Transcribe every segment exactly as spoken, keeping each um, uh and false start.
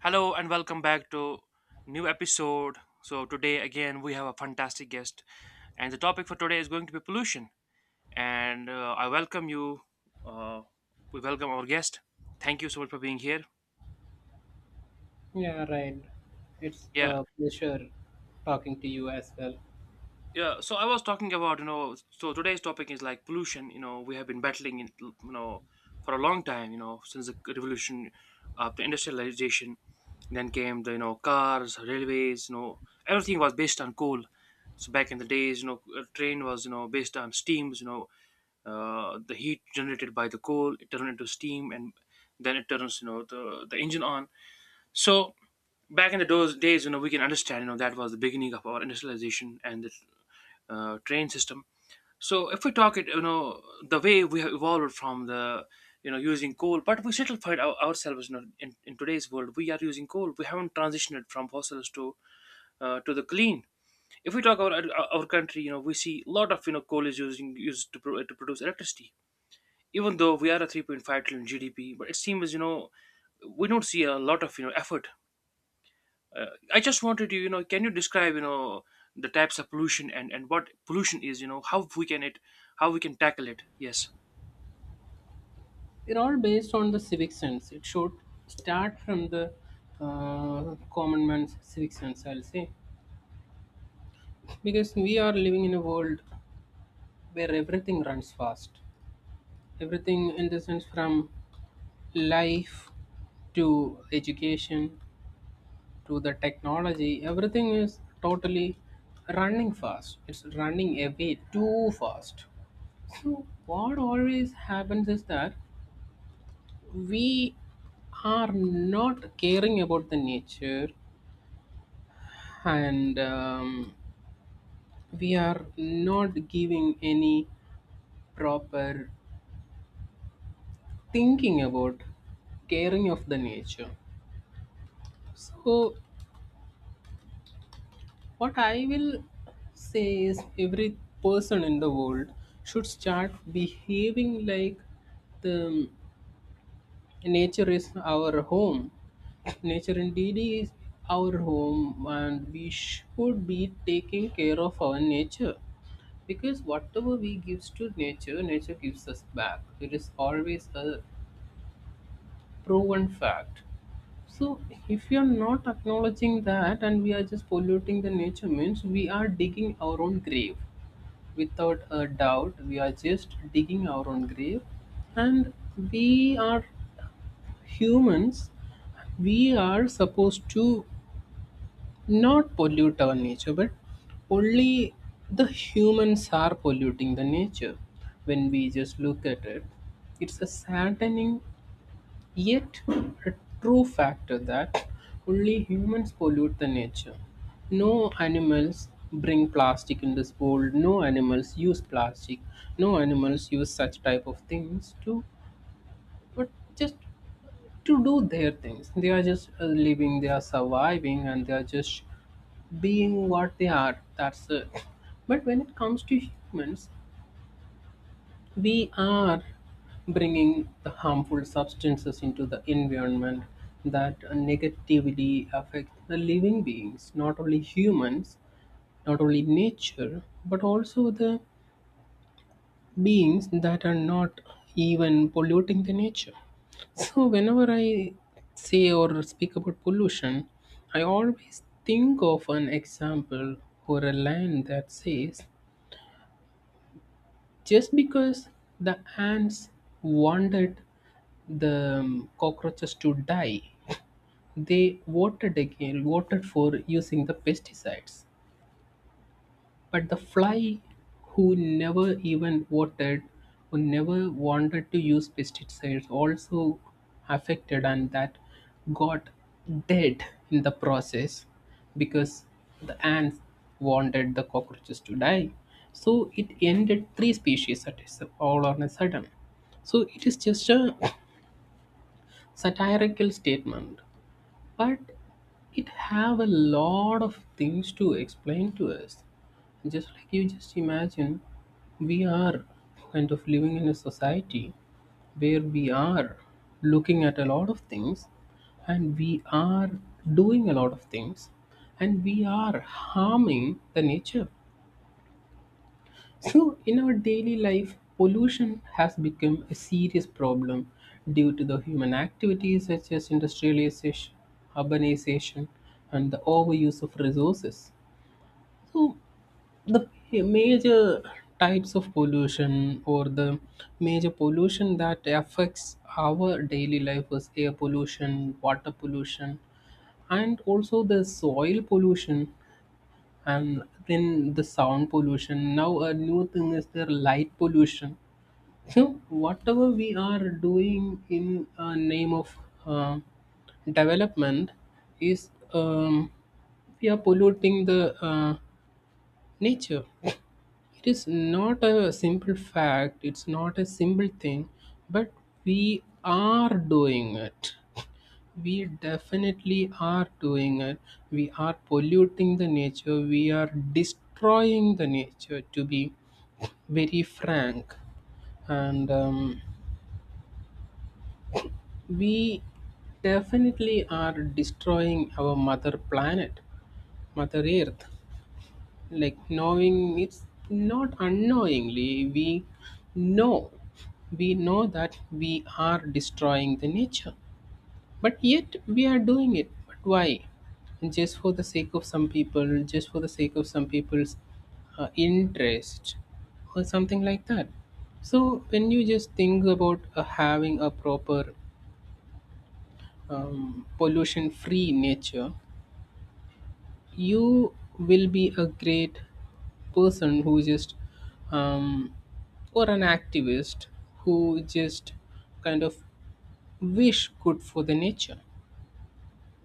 Hello and welcome back to new episode. So today again we have a fantastic guest, and the topic for today is going to be pollution. And uh, I welcome you. Uh, we welcome our guest. Thank you so much for being here. Yeah, right. It's Yeah. a pleasure talking to you as well. Yeah, so I was talking about, you know, so today's topic is like pollution. You know, we have been battling it, you know, for a long time, you know, since the revolution, uh, the industrialization, then came the, you know, cars, railways, you know, everything was based on coal. So back in the days, you know, a train was, you know, based on steams, you know, uh, the heat generated by the coal, it turned into steam and then it turns, you know, the, the engine on. So back in the those days, you know, we can understand, you know, that was the beginning of our industrialization and the uh, train system. So if we talk it, you know, the way we have evolved from the, you know, using coal, but we still find our, ourselves, you know, in, in today's world, we are using coal. We haven't transitioned from fossils to uh, to the clean. If we talk about our, our country, you know, we see a lot of you know coal is using used to, pro- to produce electricity. Even though we are a three point five trillion G D P, but it seems you know we don't see a lot of you know effort. uh, I just wanted to, you know, can you describe, you know, the types of pollution and and what pollution is, you know, how we can it, how we can tackle it? Yes. They're all based on the civic sense. It should start from the uh, common man's civic sense, I'll say. Because we are living in a world where everything runs fast. Everything, in the sense, from life to education to the technology, everything is totally running fast. It's running away too fast. So what always happens is that we are not caring about the nature, and um, we are not giving any proper thinking about caring of the nature. So what I will say is every person in the world should start behaving like the nature is our home. Nature indeed is our home, and we should be taking care of our nature because whatever we gives to nature, nature gives us back. It is always a proven fact. So if we are not acknowledging that and we are just polluting the nature means we are digging our own grave. Without a doubt, we are just digging our own grave and we are humans, we are supposed to not pollute our nature, but only the humans are polluting the nature when we just look at it. It's a saddening yet a true factor that only humans pollute the nature. No animals bring plastic in this world, no animals use plastic, no animals use such type of things to but just to do their things. They are just uh, living, they are surviving, and they are just being what they are, that's it. But when it comes to humans, we are bringing the harmful substances into the environment that negatively affect the living beings, not only humans, not only nature, but also the beings that are not even polluting the nature. So whenever I say or speak about pollution, I always think of an example or a line that says, just because the ants wanted the um, cockroaches to die, they voted again, voted for using the pesticides. But the fly, who never even voted, who never wanted to use pesticides, also affected and that got dead in the process because the ants wanted the cockroaches to die. So it ended three species at a s- all on a sudden. So it is just a satirical statement, but it have a lot of things to explain to us. Just like you just imagine, we are kind of living in a society where we are looking at a lot of things and we are doing a lot of things and we are harming the nature. So, in our daily life, pollution has become a serious problem due to the human activities such as industrialization, urbanization, and the overuse of resources. So, the major types of pollution or the major pollution that affects our daily life is air pollution, water pollution, and also the soil pollution, and then the sound pollution. Now a new thing is their light pollution. So whatever we are doing in uh, name of uh, development is um, we are polluting the uh, nature. It is not a simple fact, it's not a simple thing, but we are doing it. We definitely are doing it. We are polluting the nature. We are destroying the nature, to be very frank. And um, we definitely are destroying our mother planet, Mother Earth. Like knowing it's not unknowingly, we know. We know that we are destroying the nature. But yet we are doing it. But why? Just for the sake of some people, just for the sake of some people's uh, interest or something like that. So when you just think about uh, having a proper um, pollution-free nature, you will be a great person who just um, or an activist who just kind of wish good for the nature,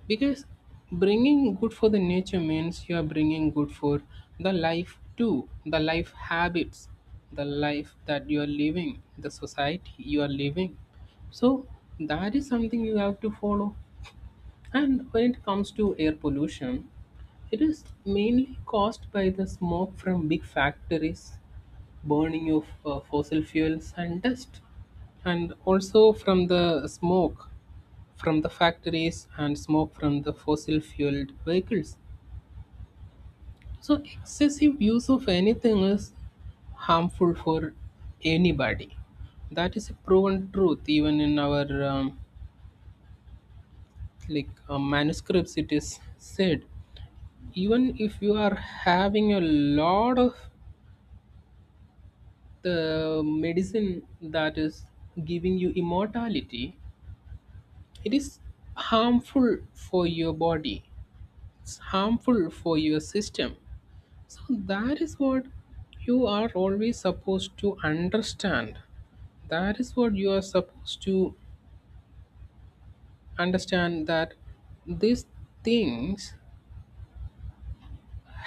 because bringing good for the nature means you are bringing good for the life too, the life habits, the life that you are living, the society you are living. So that is something you have to follow. And when it comes to air pollution, it is mainly caused by the smoke from big factories, burning of uh, fossil fuels and dust, and also from the smoke from the factories and smoke from the fossil fueled vehicles. So, excessive use of anything is harmful for anybody. That is a proven truth, even in our um, like uh, manuscripts, it is said. Even if you are having a lot of the medicine that is giving you immortality, it is harmful for your body, it's harmful for your system. So that is what you are always supposed to understand. That is what you are supposed to understand, that these things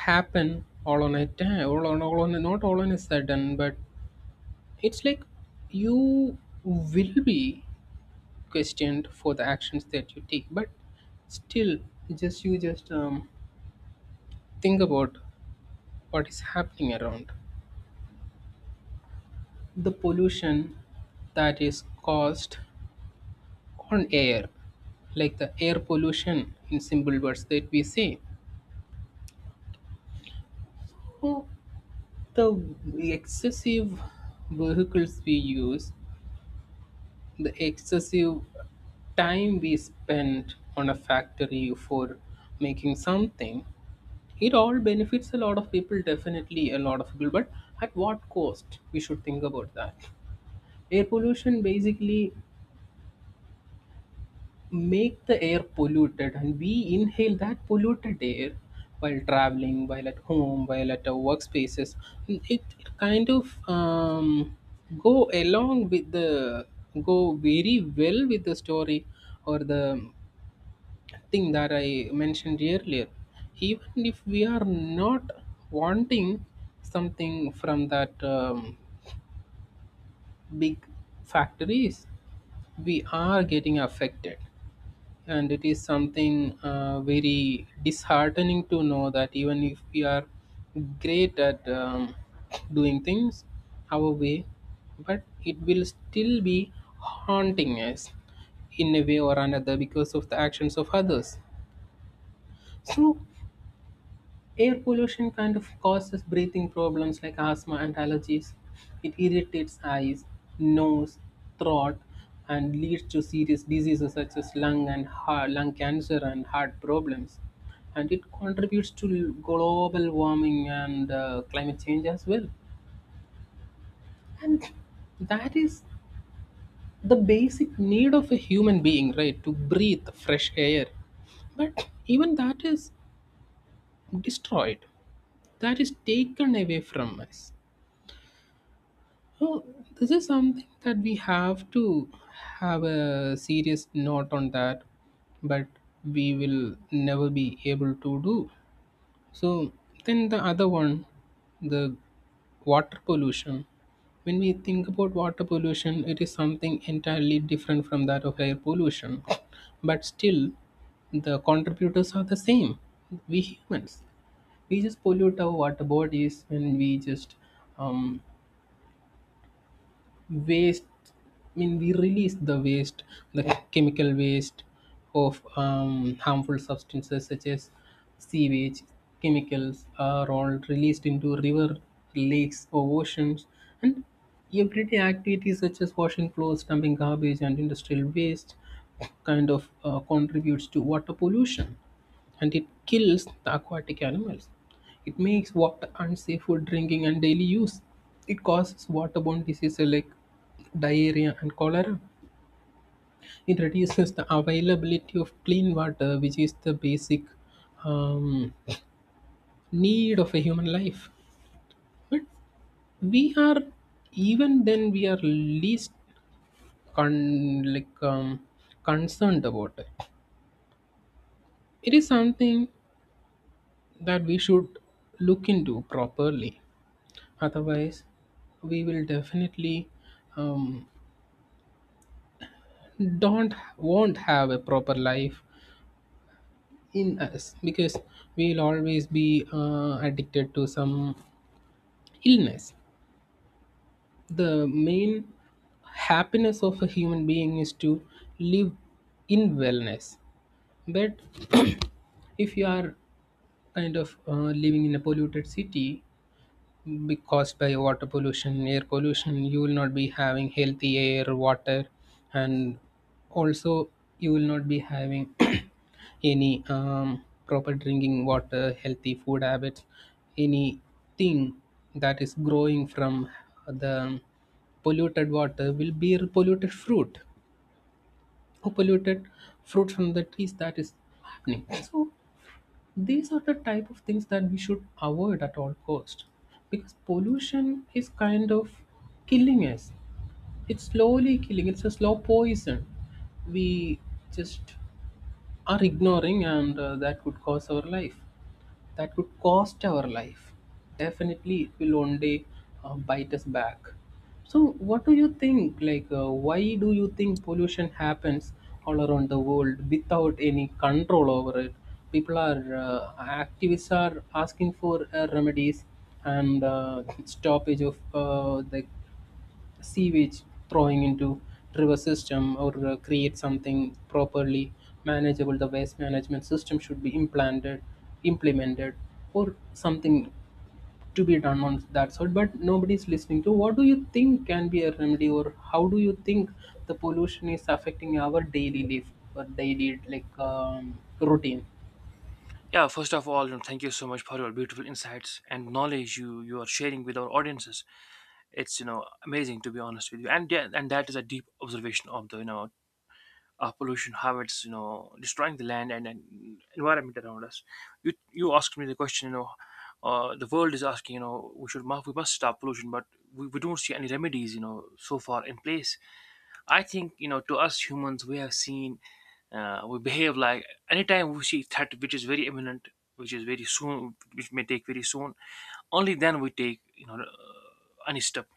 happen all on a time, all on, all on not all on a sudden, but it's like you will be questioned for the actions that you take, but still, just you just um, think about what is happening around. The pollution that is caused on air, like the air pollution in simple words that we say, or the excessive vehicles we use, the excessive time we spend on a factory for making something. It all benefits a lot of people, definitely a lot of people, but at what cost? We should think about that. Air pollution basically make the air polluted and we inhale that polluted air while traveling, while at home, while at our workspaces. And it, it kind of um, go along with the go very well with the story or the thing that I mentioned earlier. Even if we are not wanting something from that um, big factories, we are getting affected, and it is something uh, very disheartening to know that even if we are great at um, doing things our way, but it will still be haunting us in a way or another because of the actions of others. So air pollution kind of causes breathing problems like asthma and allergies. It irritates eyes, nose, throat, and leads to serious diseases such as lung and heart, lung cancer and heart problems. And it contributes to global warming and uh, climate change as well. And that is the basic need of a human being, right? To breathe fresh air. But even that is destroyed, that is taken away from us. Oh, this is something that we have to have a serious note on that, but we will never be able to do. So then the other one, the water pollution. When we think about water pollution, it is something entirely different from that of air pollution. But still, the contributors are the same. We humans, we just pollute our water bodies when we just um, waste I mean we release the waste, the chemical waste of um, harmful substances such as sewage, chemicals are all released into river, lakes or oceans. And everyday activities such as washing clothes, dumping garbage and industrial waste kind of uh, contributes to water pollution, and it kills the aquatic animals. It makes water unsafe for drinking and daily use. It causes waterborne diseases like diarrhea and cholera. It reduces the availability of clean water, which is the basic um, need of a human life. But we are, even then we are least con- like um, concerned about it. It is something that we should look into properly. Otherwise, we will definitely um, don't won't have a proper life in us because we'll always be uh, addicted to some illness. The main happiness of a human being is to live in wellness, but if you are kind of uh, living in a polluted city, be caused by water pollution, air pollution, you will not be having healthy air, water, and also you will not be having any um, proper drinking water, healthy food habits, anything that is growing from the polluted water will be polluted fruit, or polluted fruit from the trees that is happening. So these are the type of things that we should avoid at all cost, because pollution is kind of killing us. It's slowly killing, it's a slow poison. We just are ignoring, and uh, that could cause our life, that could cost our life. Definitely it will one day uh, bite us back. So, what do you think? Like, uh, why do you think pollution happens all around the world without any control over it? People are, uh, activists are asking for uh, remedies and uh, stoppage of uh, the sewage throwing into river system, or uh, create something properly manageable. The waste management system should be implanted implemented or something to be done on that sort, but nobody's listening to. What do you think can be a remedy, or how do you think the pollution is affecting our daily life or daily like um, routine? Yeah. First of all, you know, thank you so much for your beautiful insights and knowledge you you are sharing with our audiences. It's you know amazing to be honest with you, and yeah, and that is a deep observation of the you know uh, pollution, how it's you know destroying the land and, and environment around us. You you asked me the question, you know, uh, the world is asking, you know, we should mu- we must stop pollution, but we, we don't see any remedies, you know, so far in place. I think you know to us humans we have seen uh, we behave like anytime we see threat which is very imminent, which is very soon, which may take very soon. Only then we take you know uh, any step.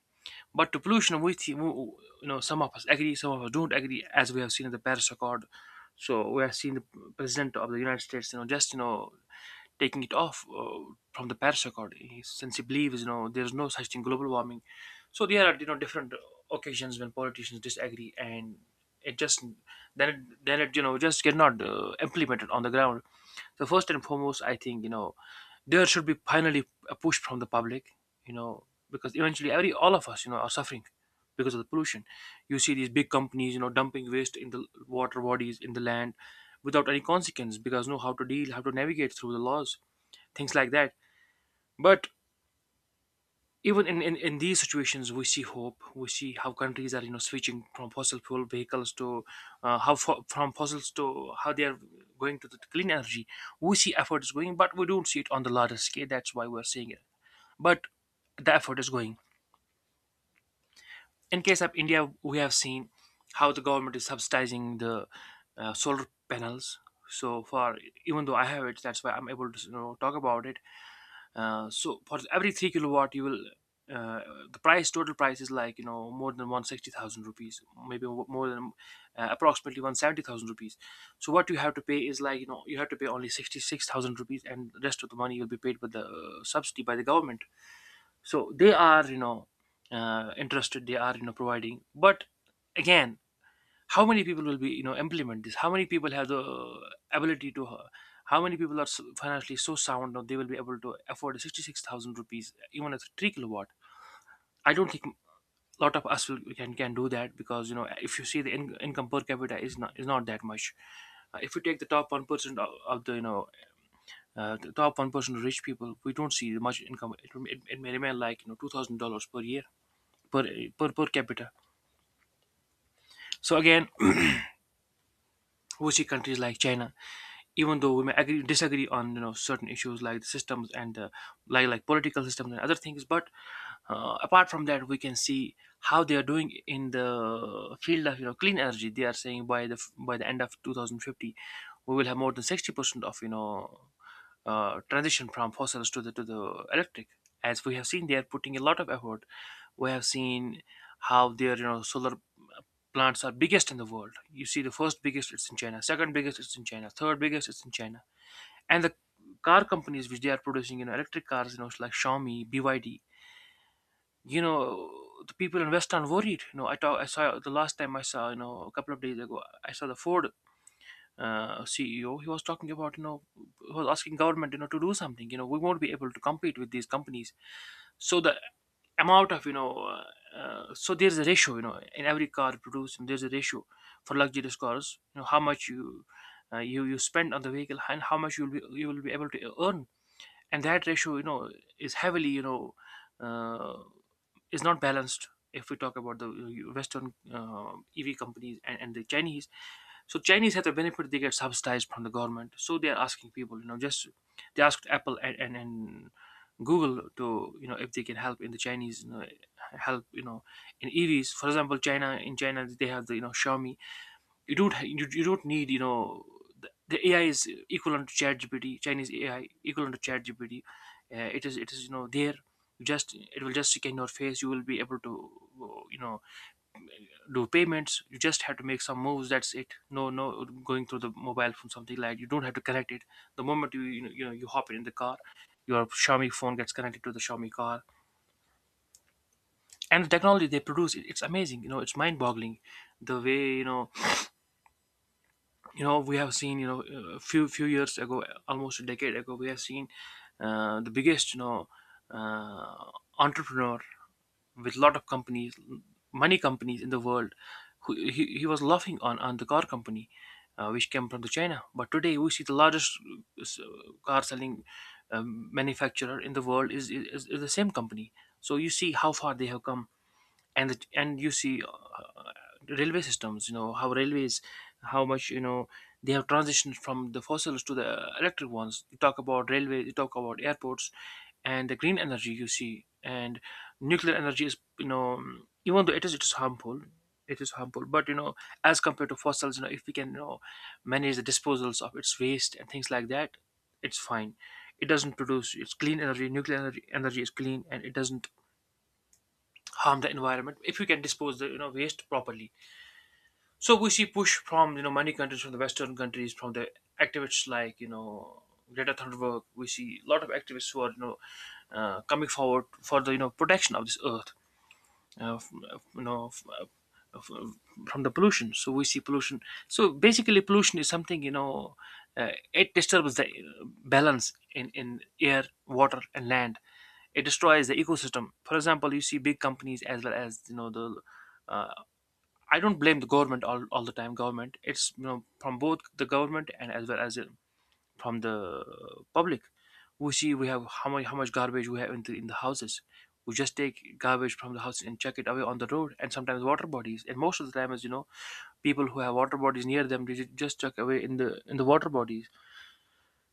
But to pollution, we thi- you know some of us agree, some of us don't agree, as we have seen in the Paris Accord. So we have seen the president of the United States, you know, just you know taking it off uh, from the parasaccord, he- since he believes you know there's no such thing global warming. So there are you know different occasions when politicians disagree, and it just then it, then it you know just cannot uh, implemented on the ground. So first and foremost, I think you know there should be finally a push from the public, you know, because eventually every all of us you know are suffering because of the pollution. You see these big companies you know dumping waste in the water bodies in the land without any consequence because know how to deal, how to navigate through the laws, things like that. But even in, in, in these situations we see hope, we see how countries are you know switching from fossil fuel vehicles to uh, how fo- from fossils to how they are going to the clean energy. We see effort is going but we don't see it on the larger scale, that's why we're seeing it, but the effort is going. In case of India we have seen how the government is subsidizing the uh, solar panels so far. Even though I have it, that's why I'm able to you know, talk about it. Uh, so for every three kilowatt, you will uh, the price total price is like you know more than one sixty thousand rupees, maybe w- more than uh, approximately one seventy thousand rupees. So what you have to pay is like you know you have to pay only sixty six thousand rupees, and the rest of the money will be paid with the uh, subsidy by the government. So they are you know uh, interested, they are you know providing, but again how many people will be you know implement this, how many people have the ability to uh, how many people are so- financially so sound now they will be able to afford sixty six thousand rupees even at three kilowatt. I don't think a lot of us will, can can do that because you know if you see the in, income per capita is not is not that much. Uh, if you take the top one percent of, of the you know uh, the top one percent of rich people we don't see much income, it, rem- it, it may remain like you know two thousand dollars per year per per per capita. So again we see countries like China, even though we may agree disagree on you know certain issues like the systems and uh, like like political systems and other things, but uh, apart from that we can see how they are doing in the field of you know clean energy. They are saying by the by the end of two thousand fifty we will have more than sixty percent of you know uh, transition from fossils to the to the electric. As we have seen they are putting a lot of effort, we have seen how their you know solar plants are biggest in the world. You see the first biggest it's in China, second biggest it's in China, third biggest it's in China. And the car companies which they are producing you know electric cars you know like Xiaomi, BYD, you know the people in west are worried. you know i talk, I saw the last time, I saw you know a couple of days ago, I saw the Ford uh, CEO. He was talking about you know he was asking government you know to do something. You know we won't be able to compete with these companies. So the amount of you know uh, uh, so there's a ratio you know in every car produced, and there's a ratio for luxurious cars. You know how much you uh, you you spend on the vehicle and how much you'll be you will be able to earn. And that ratio you know is heavily, you know uh, is not balanced if we talk about the uh, western uh, EV companies and, and the Chinese. So Chinese have the benefit, they get subsidized from the government, so they are asking people you know just they asked Apple and, and, and Google to you know if they can help in the Chinese, you know, help you know in EVs. For example, China, in China they have the you know Xiaomi. you don't ha- you, you don't need you know the, the A I is equivalent to ChatGPT. Chinese A I equivalent to ChatGPT. Uh, it is it is you know there. You just it will just scan your face. You will be able to uh, you know do payments. You just have to make some moves. That's it. No no going through the mobile phone, something like you don't have to connect it. The moment you you know you, know, you hop in the car, your Xiaomi phone gets connected to the Xiaomi car. And the technology they produce, it- it's amazing. You know, it's mind-boggling the way you know you know we have seen you know a few few years ago, almost a decade ago, we have seen uh, the biggest you know uh, entrepreneur with lot of companies, many companies in the world, who he, he was laughing on on the car company uh, which came from the China. But today we see the largest uh, s- car selling um, manufacturer in the world is, is is the same company. So you see how far they have come and the, and you see uh, uh, railway systems, you know how railways, how much you know they have transitioned from the fossils to the electric ones. You talk about railway, you talk about airports and the green energy. You see and nuclear energy is you know even though it is it is harmful, it is harmful, but you know as compared to fossils, you know if we can you know manage the disposals of its waste and things like that, it's fine. It doesn't produce, it's clean energy. Nuclear energy, energy is clean and it doesn't harm the environment if we can dispose the you know waste properly. So we see push from you know many countries, from the Western countries, from the activists like you know Greta Thunberg. We see a lot of activists who are you know uh, coming forward for the you know protection of this earth uh, from, uh, you know uh, uh, from the pollution. So we see pollution. So basically pollution is something, you know uh, it disturbs the uh, balance in in air, water and land. It destroys the ecosystem. For example, you see big companies as well as you know the uh, I don't blame the government all, all the time. Government, it's you know from both the government and as well as the from the public. We see we have how much how much garbage we have in the in the houses. We just take garbage from the house and chuck it away on the road, and sometimes water bodies. And most of the time, as you know, people who have water bodies near them, they ju- just chuck away in the in the water bodies.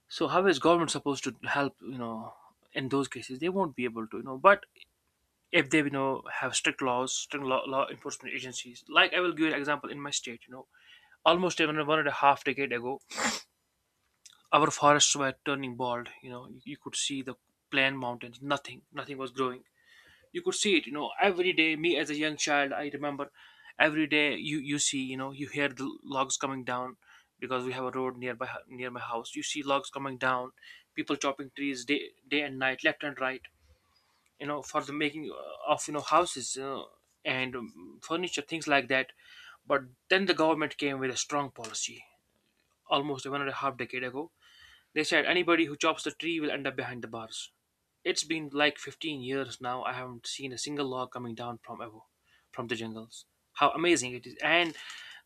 So how is government supposed to help? You know, in those cases, they won't be able to. You know, but if they you know have strict laws, strict law, law enforcement agencies, like I will give you an example in my state. You know, Almost even one and a half decade ago, our forests were turning bald. You know, you, you could see the plain mountains. Nothing, nothing was growing. You could see it. You know, every day. Me as a young child, I remember every day you you see. You know, you hear the logs coming down because we have a road nearby near my house. You see logs coming down, people chopping trees day day and night, left and right. You know, for the making uh, of you know houses uh, and um, furniture, things like that. But then the government came with a strong policy almost one and a half decade ago. They said anybody who chops the tree will end up behind the bars. It's been like fifteen years now. I haven't seen a single log coming down from ever, from the jungles. How amazing it is! And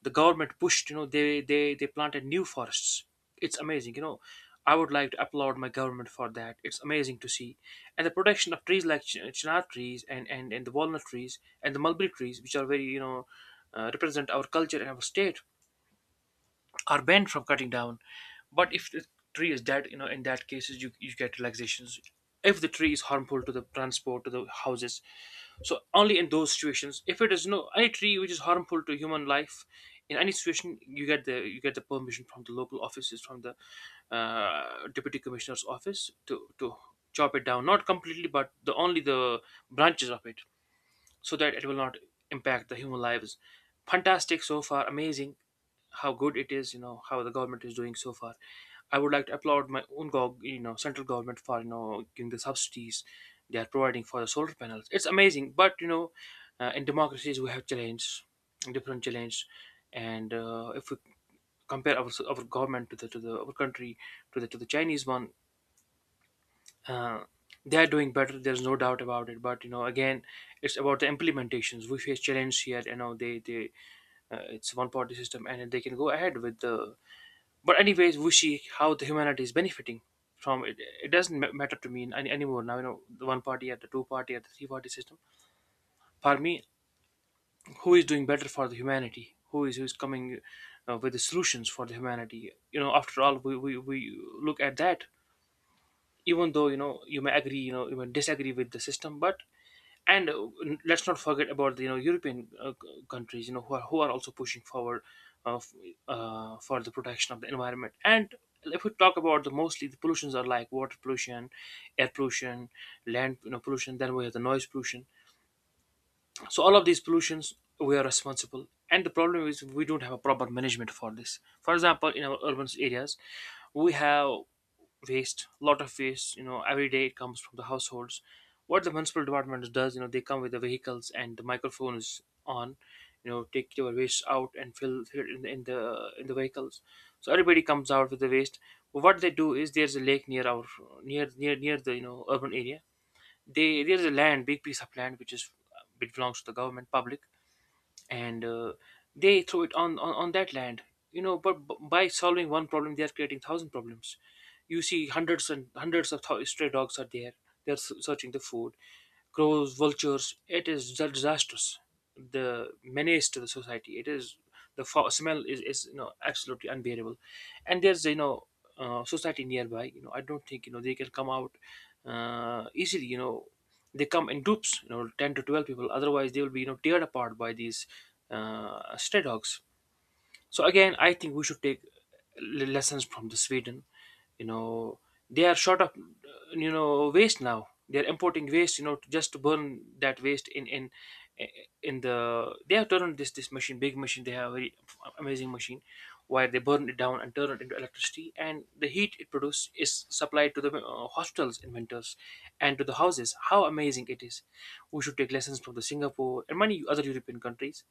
the government pushed. You know, they they they planted new forests. It's amazing. You know, I would like to applaud my government for that. It's amazing to see, and the protection of trees like ch- chinar trees and and and the walnut trees and the mulberry trees, which are very you know. Uh, represent our culture and our state, are banned from cutting down. But if the tree is dead, you know, in that cases you you get relaxations. If the tree is harmful to the transport to the houses, so only in those situations. If it is no any tree which is harmful to human life, in any situation you get the you get the permission from the local offices from the uh, deputy commissioner's office to to chop it down, not completely, but the only the branches of it so that it will not impact the human lives. Fantastic so far, amazing how good it is, you know, how the government is doing so far. I would like to applaud my own, gov- you know, central government for you know giving the subsidies they are providing for the solar panels. It's amazing, but you know, uh, in democracies we have challenges, different challenges, and uh, if we compare our, our government to the to the our country to the to the Chinese one, uh, they are doing better. There's no doubt about it, but you know again, it's about the implementations. We face challenge here. You know they they uh, It's one party system and they can go ahead with the. But anyways, we see how the humanity is benefiting from it. It doesn't ma- matter to me any, anymore now, you know the one party at the two party at the three party system. For me, who is doing better for the humanity, who is who's coming uh, with the solutions for the humanity. You know after all, we, we, we look at that, even though you know you may agree, you know you may disagree with the system. But and uh, n- let's not forget about the you know European uh, c- countries, you know who are, who are also pushing forward uh, f- uh, for the protection of the environment. And if we talk about the, mostly the pollutions are like water pollution, air pollution, land you know, pollution, then we have the noise pollution. So all of these pollutions, we are responsible. And the problem is we don't have a proper management for this. For example, in our urban areas we have waste, a lot of waste. You know, every day it comes from the households. What the municipal department does, you know, they come with the vehicles and the microphone is on. You know, take your waste out and fill, fill it in the, in the in the vehicles. So everybody comes out with the waste. But what they do is there's a lake near our near near near the you know urban area. They There's a land, big piece of land which is uh, which belongs to the government public. And uh, they throw it on, on on that land, you know but b- by solving one problem they are creating thousand problems. You see hundreds and hundreds of thou- stray dogs are there. They're s- searching the food. Crows, vultures, it is dis- disastrous. The menace to the society it is. The fo- smell is, is you know absolutely unbearable. And there's you know uh, society nearby. you know I don't think you know they can come out uh, easily. You know they come in groups, you know ten to twelve people, otherwise they will be you know teared apart by these uh, stray dogs. So again, I think we should take l- lessons from the Sweden. You know, they are short of uh, you know waste now. They are importing waste, you know, to just to burn that waste in in in the. They have turned this this machine, big machine. They have a very amazing machine, where they burn it down and turn it into electricity, and the heat it produces is supplied to the uh, hospitals in winters, and to the houses. How amazing it is! We should take lessons from the Singapore and many other European countries.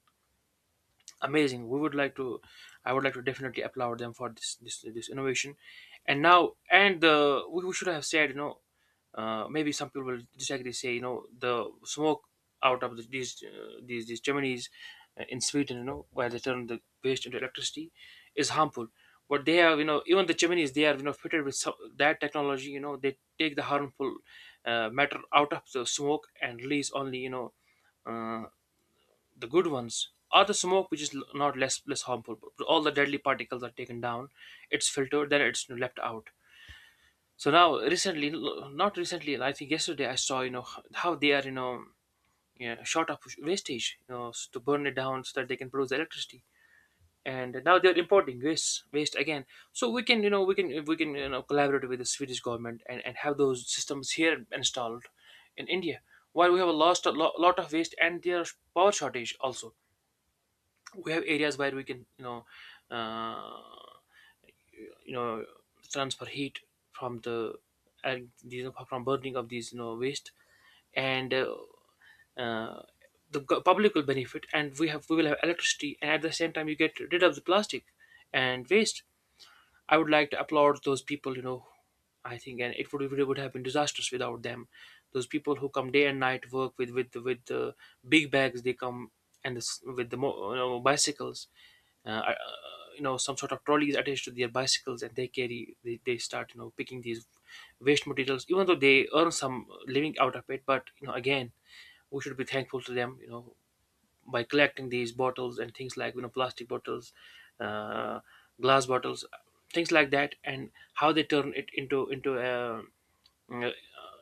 Amazing, we would like to I would like to definitely applaud them for this this, this innovation. And now and the we, we should have said, you know uh, maybe some people will disagree, say, you know the smoke out of the, these uh, these these chimneys uh, in Sweden, you know where they turn the waste into electricity, is harmful. But they have, you know even the chimneys, they are you know fitted with some, that technology. You know they take the harmful uh, matter out of the smoke and release only, you know uh, the good ones are the smoke which is l- not less less harmful. All the deadly particles are taken down. It's filtered, then it's left out. So now recently, l- not recently, I think yesterday I saw, you know h- how they are, you know yeah, short of wastage, you know s- to burn it down so that they can produce electricity. And now they're importing waste waste again. So we can you know we can we can you know collaborate with the Swedish government and, and have those systems here installed in India. While we have a lost a lo- lot of waste and there's power shortage also. We have areas where we can you know uh, you know transfer heat from the, and these are from burning of these you know waste. And uh, uh, the go- public will benefit and we have we will have electricity, and at the same time you get rid of the plastic and waste. I would like to applaud those people, you know, I think, and it would it would have been disastrous without them. Those people who come day and night, work with with with the big bags they come, and this, with the mo- you know, bicycles, uh, uh, you know, some sort of trolleys attached to their bicycles, and they carry, they, they start you know picking these waste materials, even though they earn some living out of it. But you know, again, we should be thankful to them. You know, by collecting these bottles and things like you know plastic bottles, uh, glass bottles, things like that, and how they turn it into into a uh,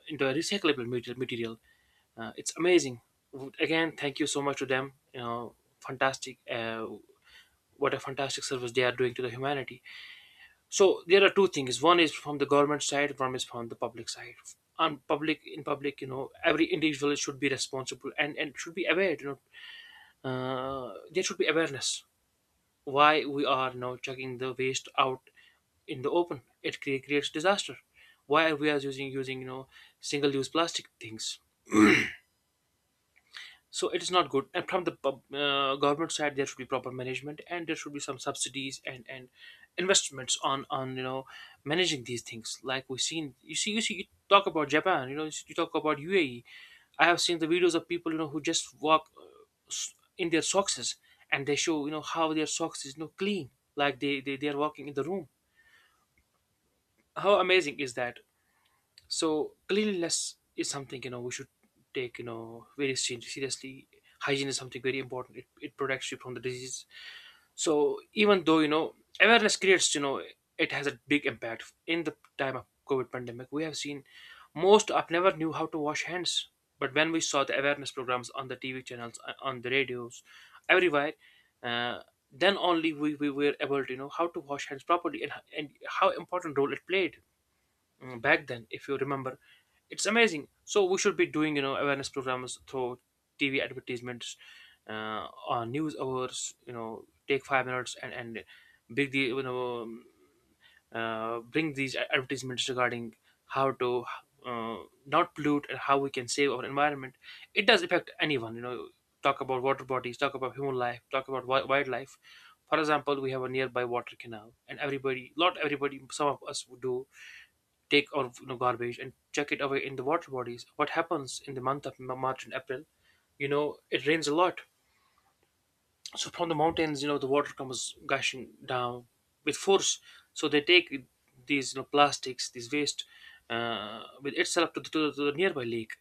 into a recyclable material material uh, It's amazing. Again, thank you so much to them. You know, fantastic. Uh, what a fantastic service they are doing to the humanity. So there are two things: one is from the government side, one is from the public side. On public, in public, you know, every individual should be responsible and and should be aware, you know. Uh, there should be awareness. Why we are now chucking the waste out in the open? It cre- creates disaster. Why we are using using you know single-use plastic things? So it is not good. And from the pub- uh, government side, there should be proper management, and there should be some subsidies and and investments on on you know managing these things. Like we've seen, you see, you see, you talk about Japan. You know, you talk about U A E. I have seen the videos of people, you know, who just walk uh, s- in their socks, and they show, you know, how their socks is, you know, clean, like they, they they are walking in the room. How amazing is that? So cleanliness is something, you know, we should take, you know, very se- seriously. Hygiene is something very important. It, it protects you from the disease. So even though, you know, awareness creates, you know it has a big impact. In the time of COVID pandemic, we have seen most of never knew how to wash hands. But when we saw the awareness programs on the T V channels, uh, on the radios, everywhere, uh, then only we, we were able to know how to wash hands properly, and, and how important role it played. Mm, back then, if you remember, it's amazing. So we should be doing, you know, awareness programs through T V advertisements, uh, on news hours. You know, take five minutes and and bring the you know um, uh, bring these advertisements regarding how to uh, not pollute and how we can save our environment. It does affect anyone, you know. Talk about water bodies, talk about human life, talk about wi- wildlife. For example, we have a nearby water canal, and everybody, not everybody, some of us would do, take out, you know, garbage and chuck it away in the water bodies. What happens in the month of Ma- March and April? You know, it rains a lot. So from the mountains, you know, the water comes gushing down with force. So they take these, you know, plastics, these waste, uh, with itself to the, to the, to the nearby lake.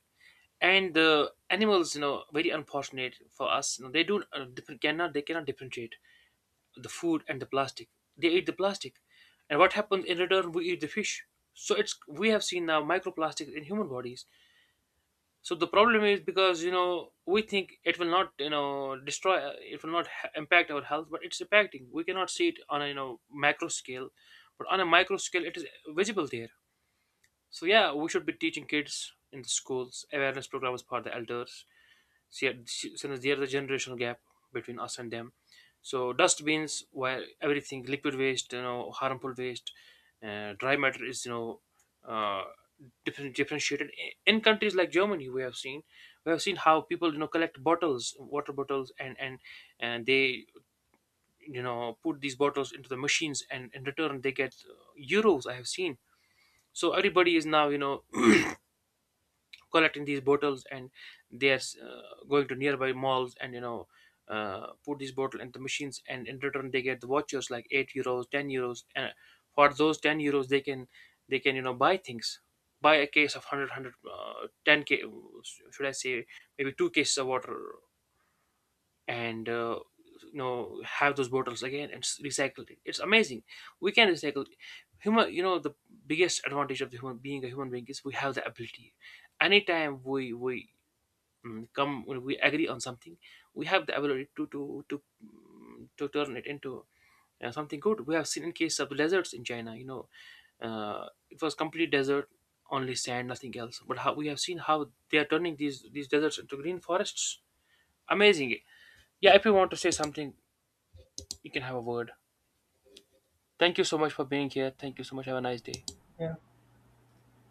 And the animals, you know, very unfortunate for us. You know, they do uh, different cannot they cannot differentiate the food and the plastic. They eat the plastic, and what happens in return? We eat the fish. So it's, we have seen now microplastics in human bodies. So the problem is, because, you know, we think it will not, you know, destroy, it will not ha- impact our health, but it's impacting. We cannot see it on a, you know, macro scale, but on a micro scale it is visible there. So yeah, we should be teaching kids in the schools, awareness programs for the elders. See, since there's a generational gap between us and them, so dustbins, while everything liquid waste, you know, harmful waste, uh, dry matter is, you know uh, different, differentiated. In countries like Germany, we have seen we have seen how people, you know, collect bottles, water bottles, and and and they, you know, put these bottles into the machines, and in return they get, uh, euros. I have seen. So everybody is now, you know, collecting these bottles, and they are, uh, going to nearby malls, and, you know, uh, put these bottle in the machines, and in return they get the vouchers like eight euros, ten euros. And for those ten euros, they can, they can you know, buy things, buy a case of one hundred, uh, ten k, should I say, maybe two cases of water. And uh, you know, have those bottles again and s- recycle it. It's amazing. We can recycle. Human, you know, the biggest advantage of the human being, a human being, is we have the ability. Anytime we we mm, come, when we agree on something, we have the ability to to to mm, to turn it into uh, something good. We have seen in case of deserts in China, you know, uh, it was complete desert, only sand, nothing else. But how we have seen how they are turning these these deserts into green forests. Amazing. Yeah, if you want to say something, you can have a word. Thank you so much for being here. Thank you so much. Have a nice day. Yeah.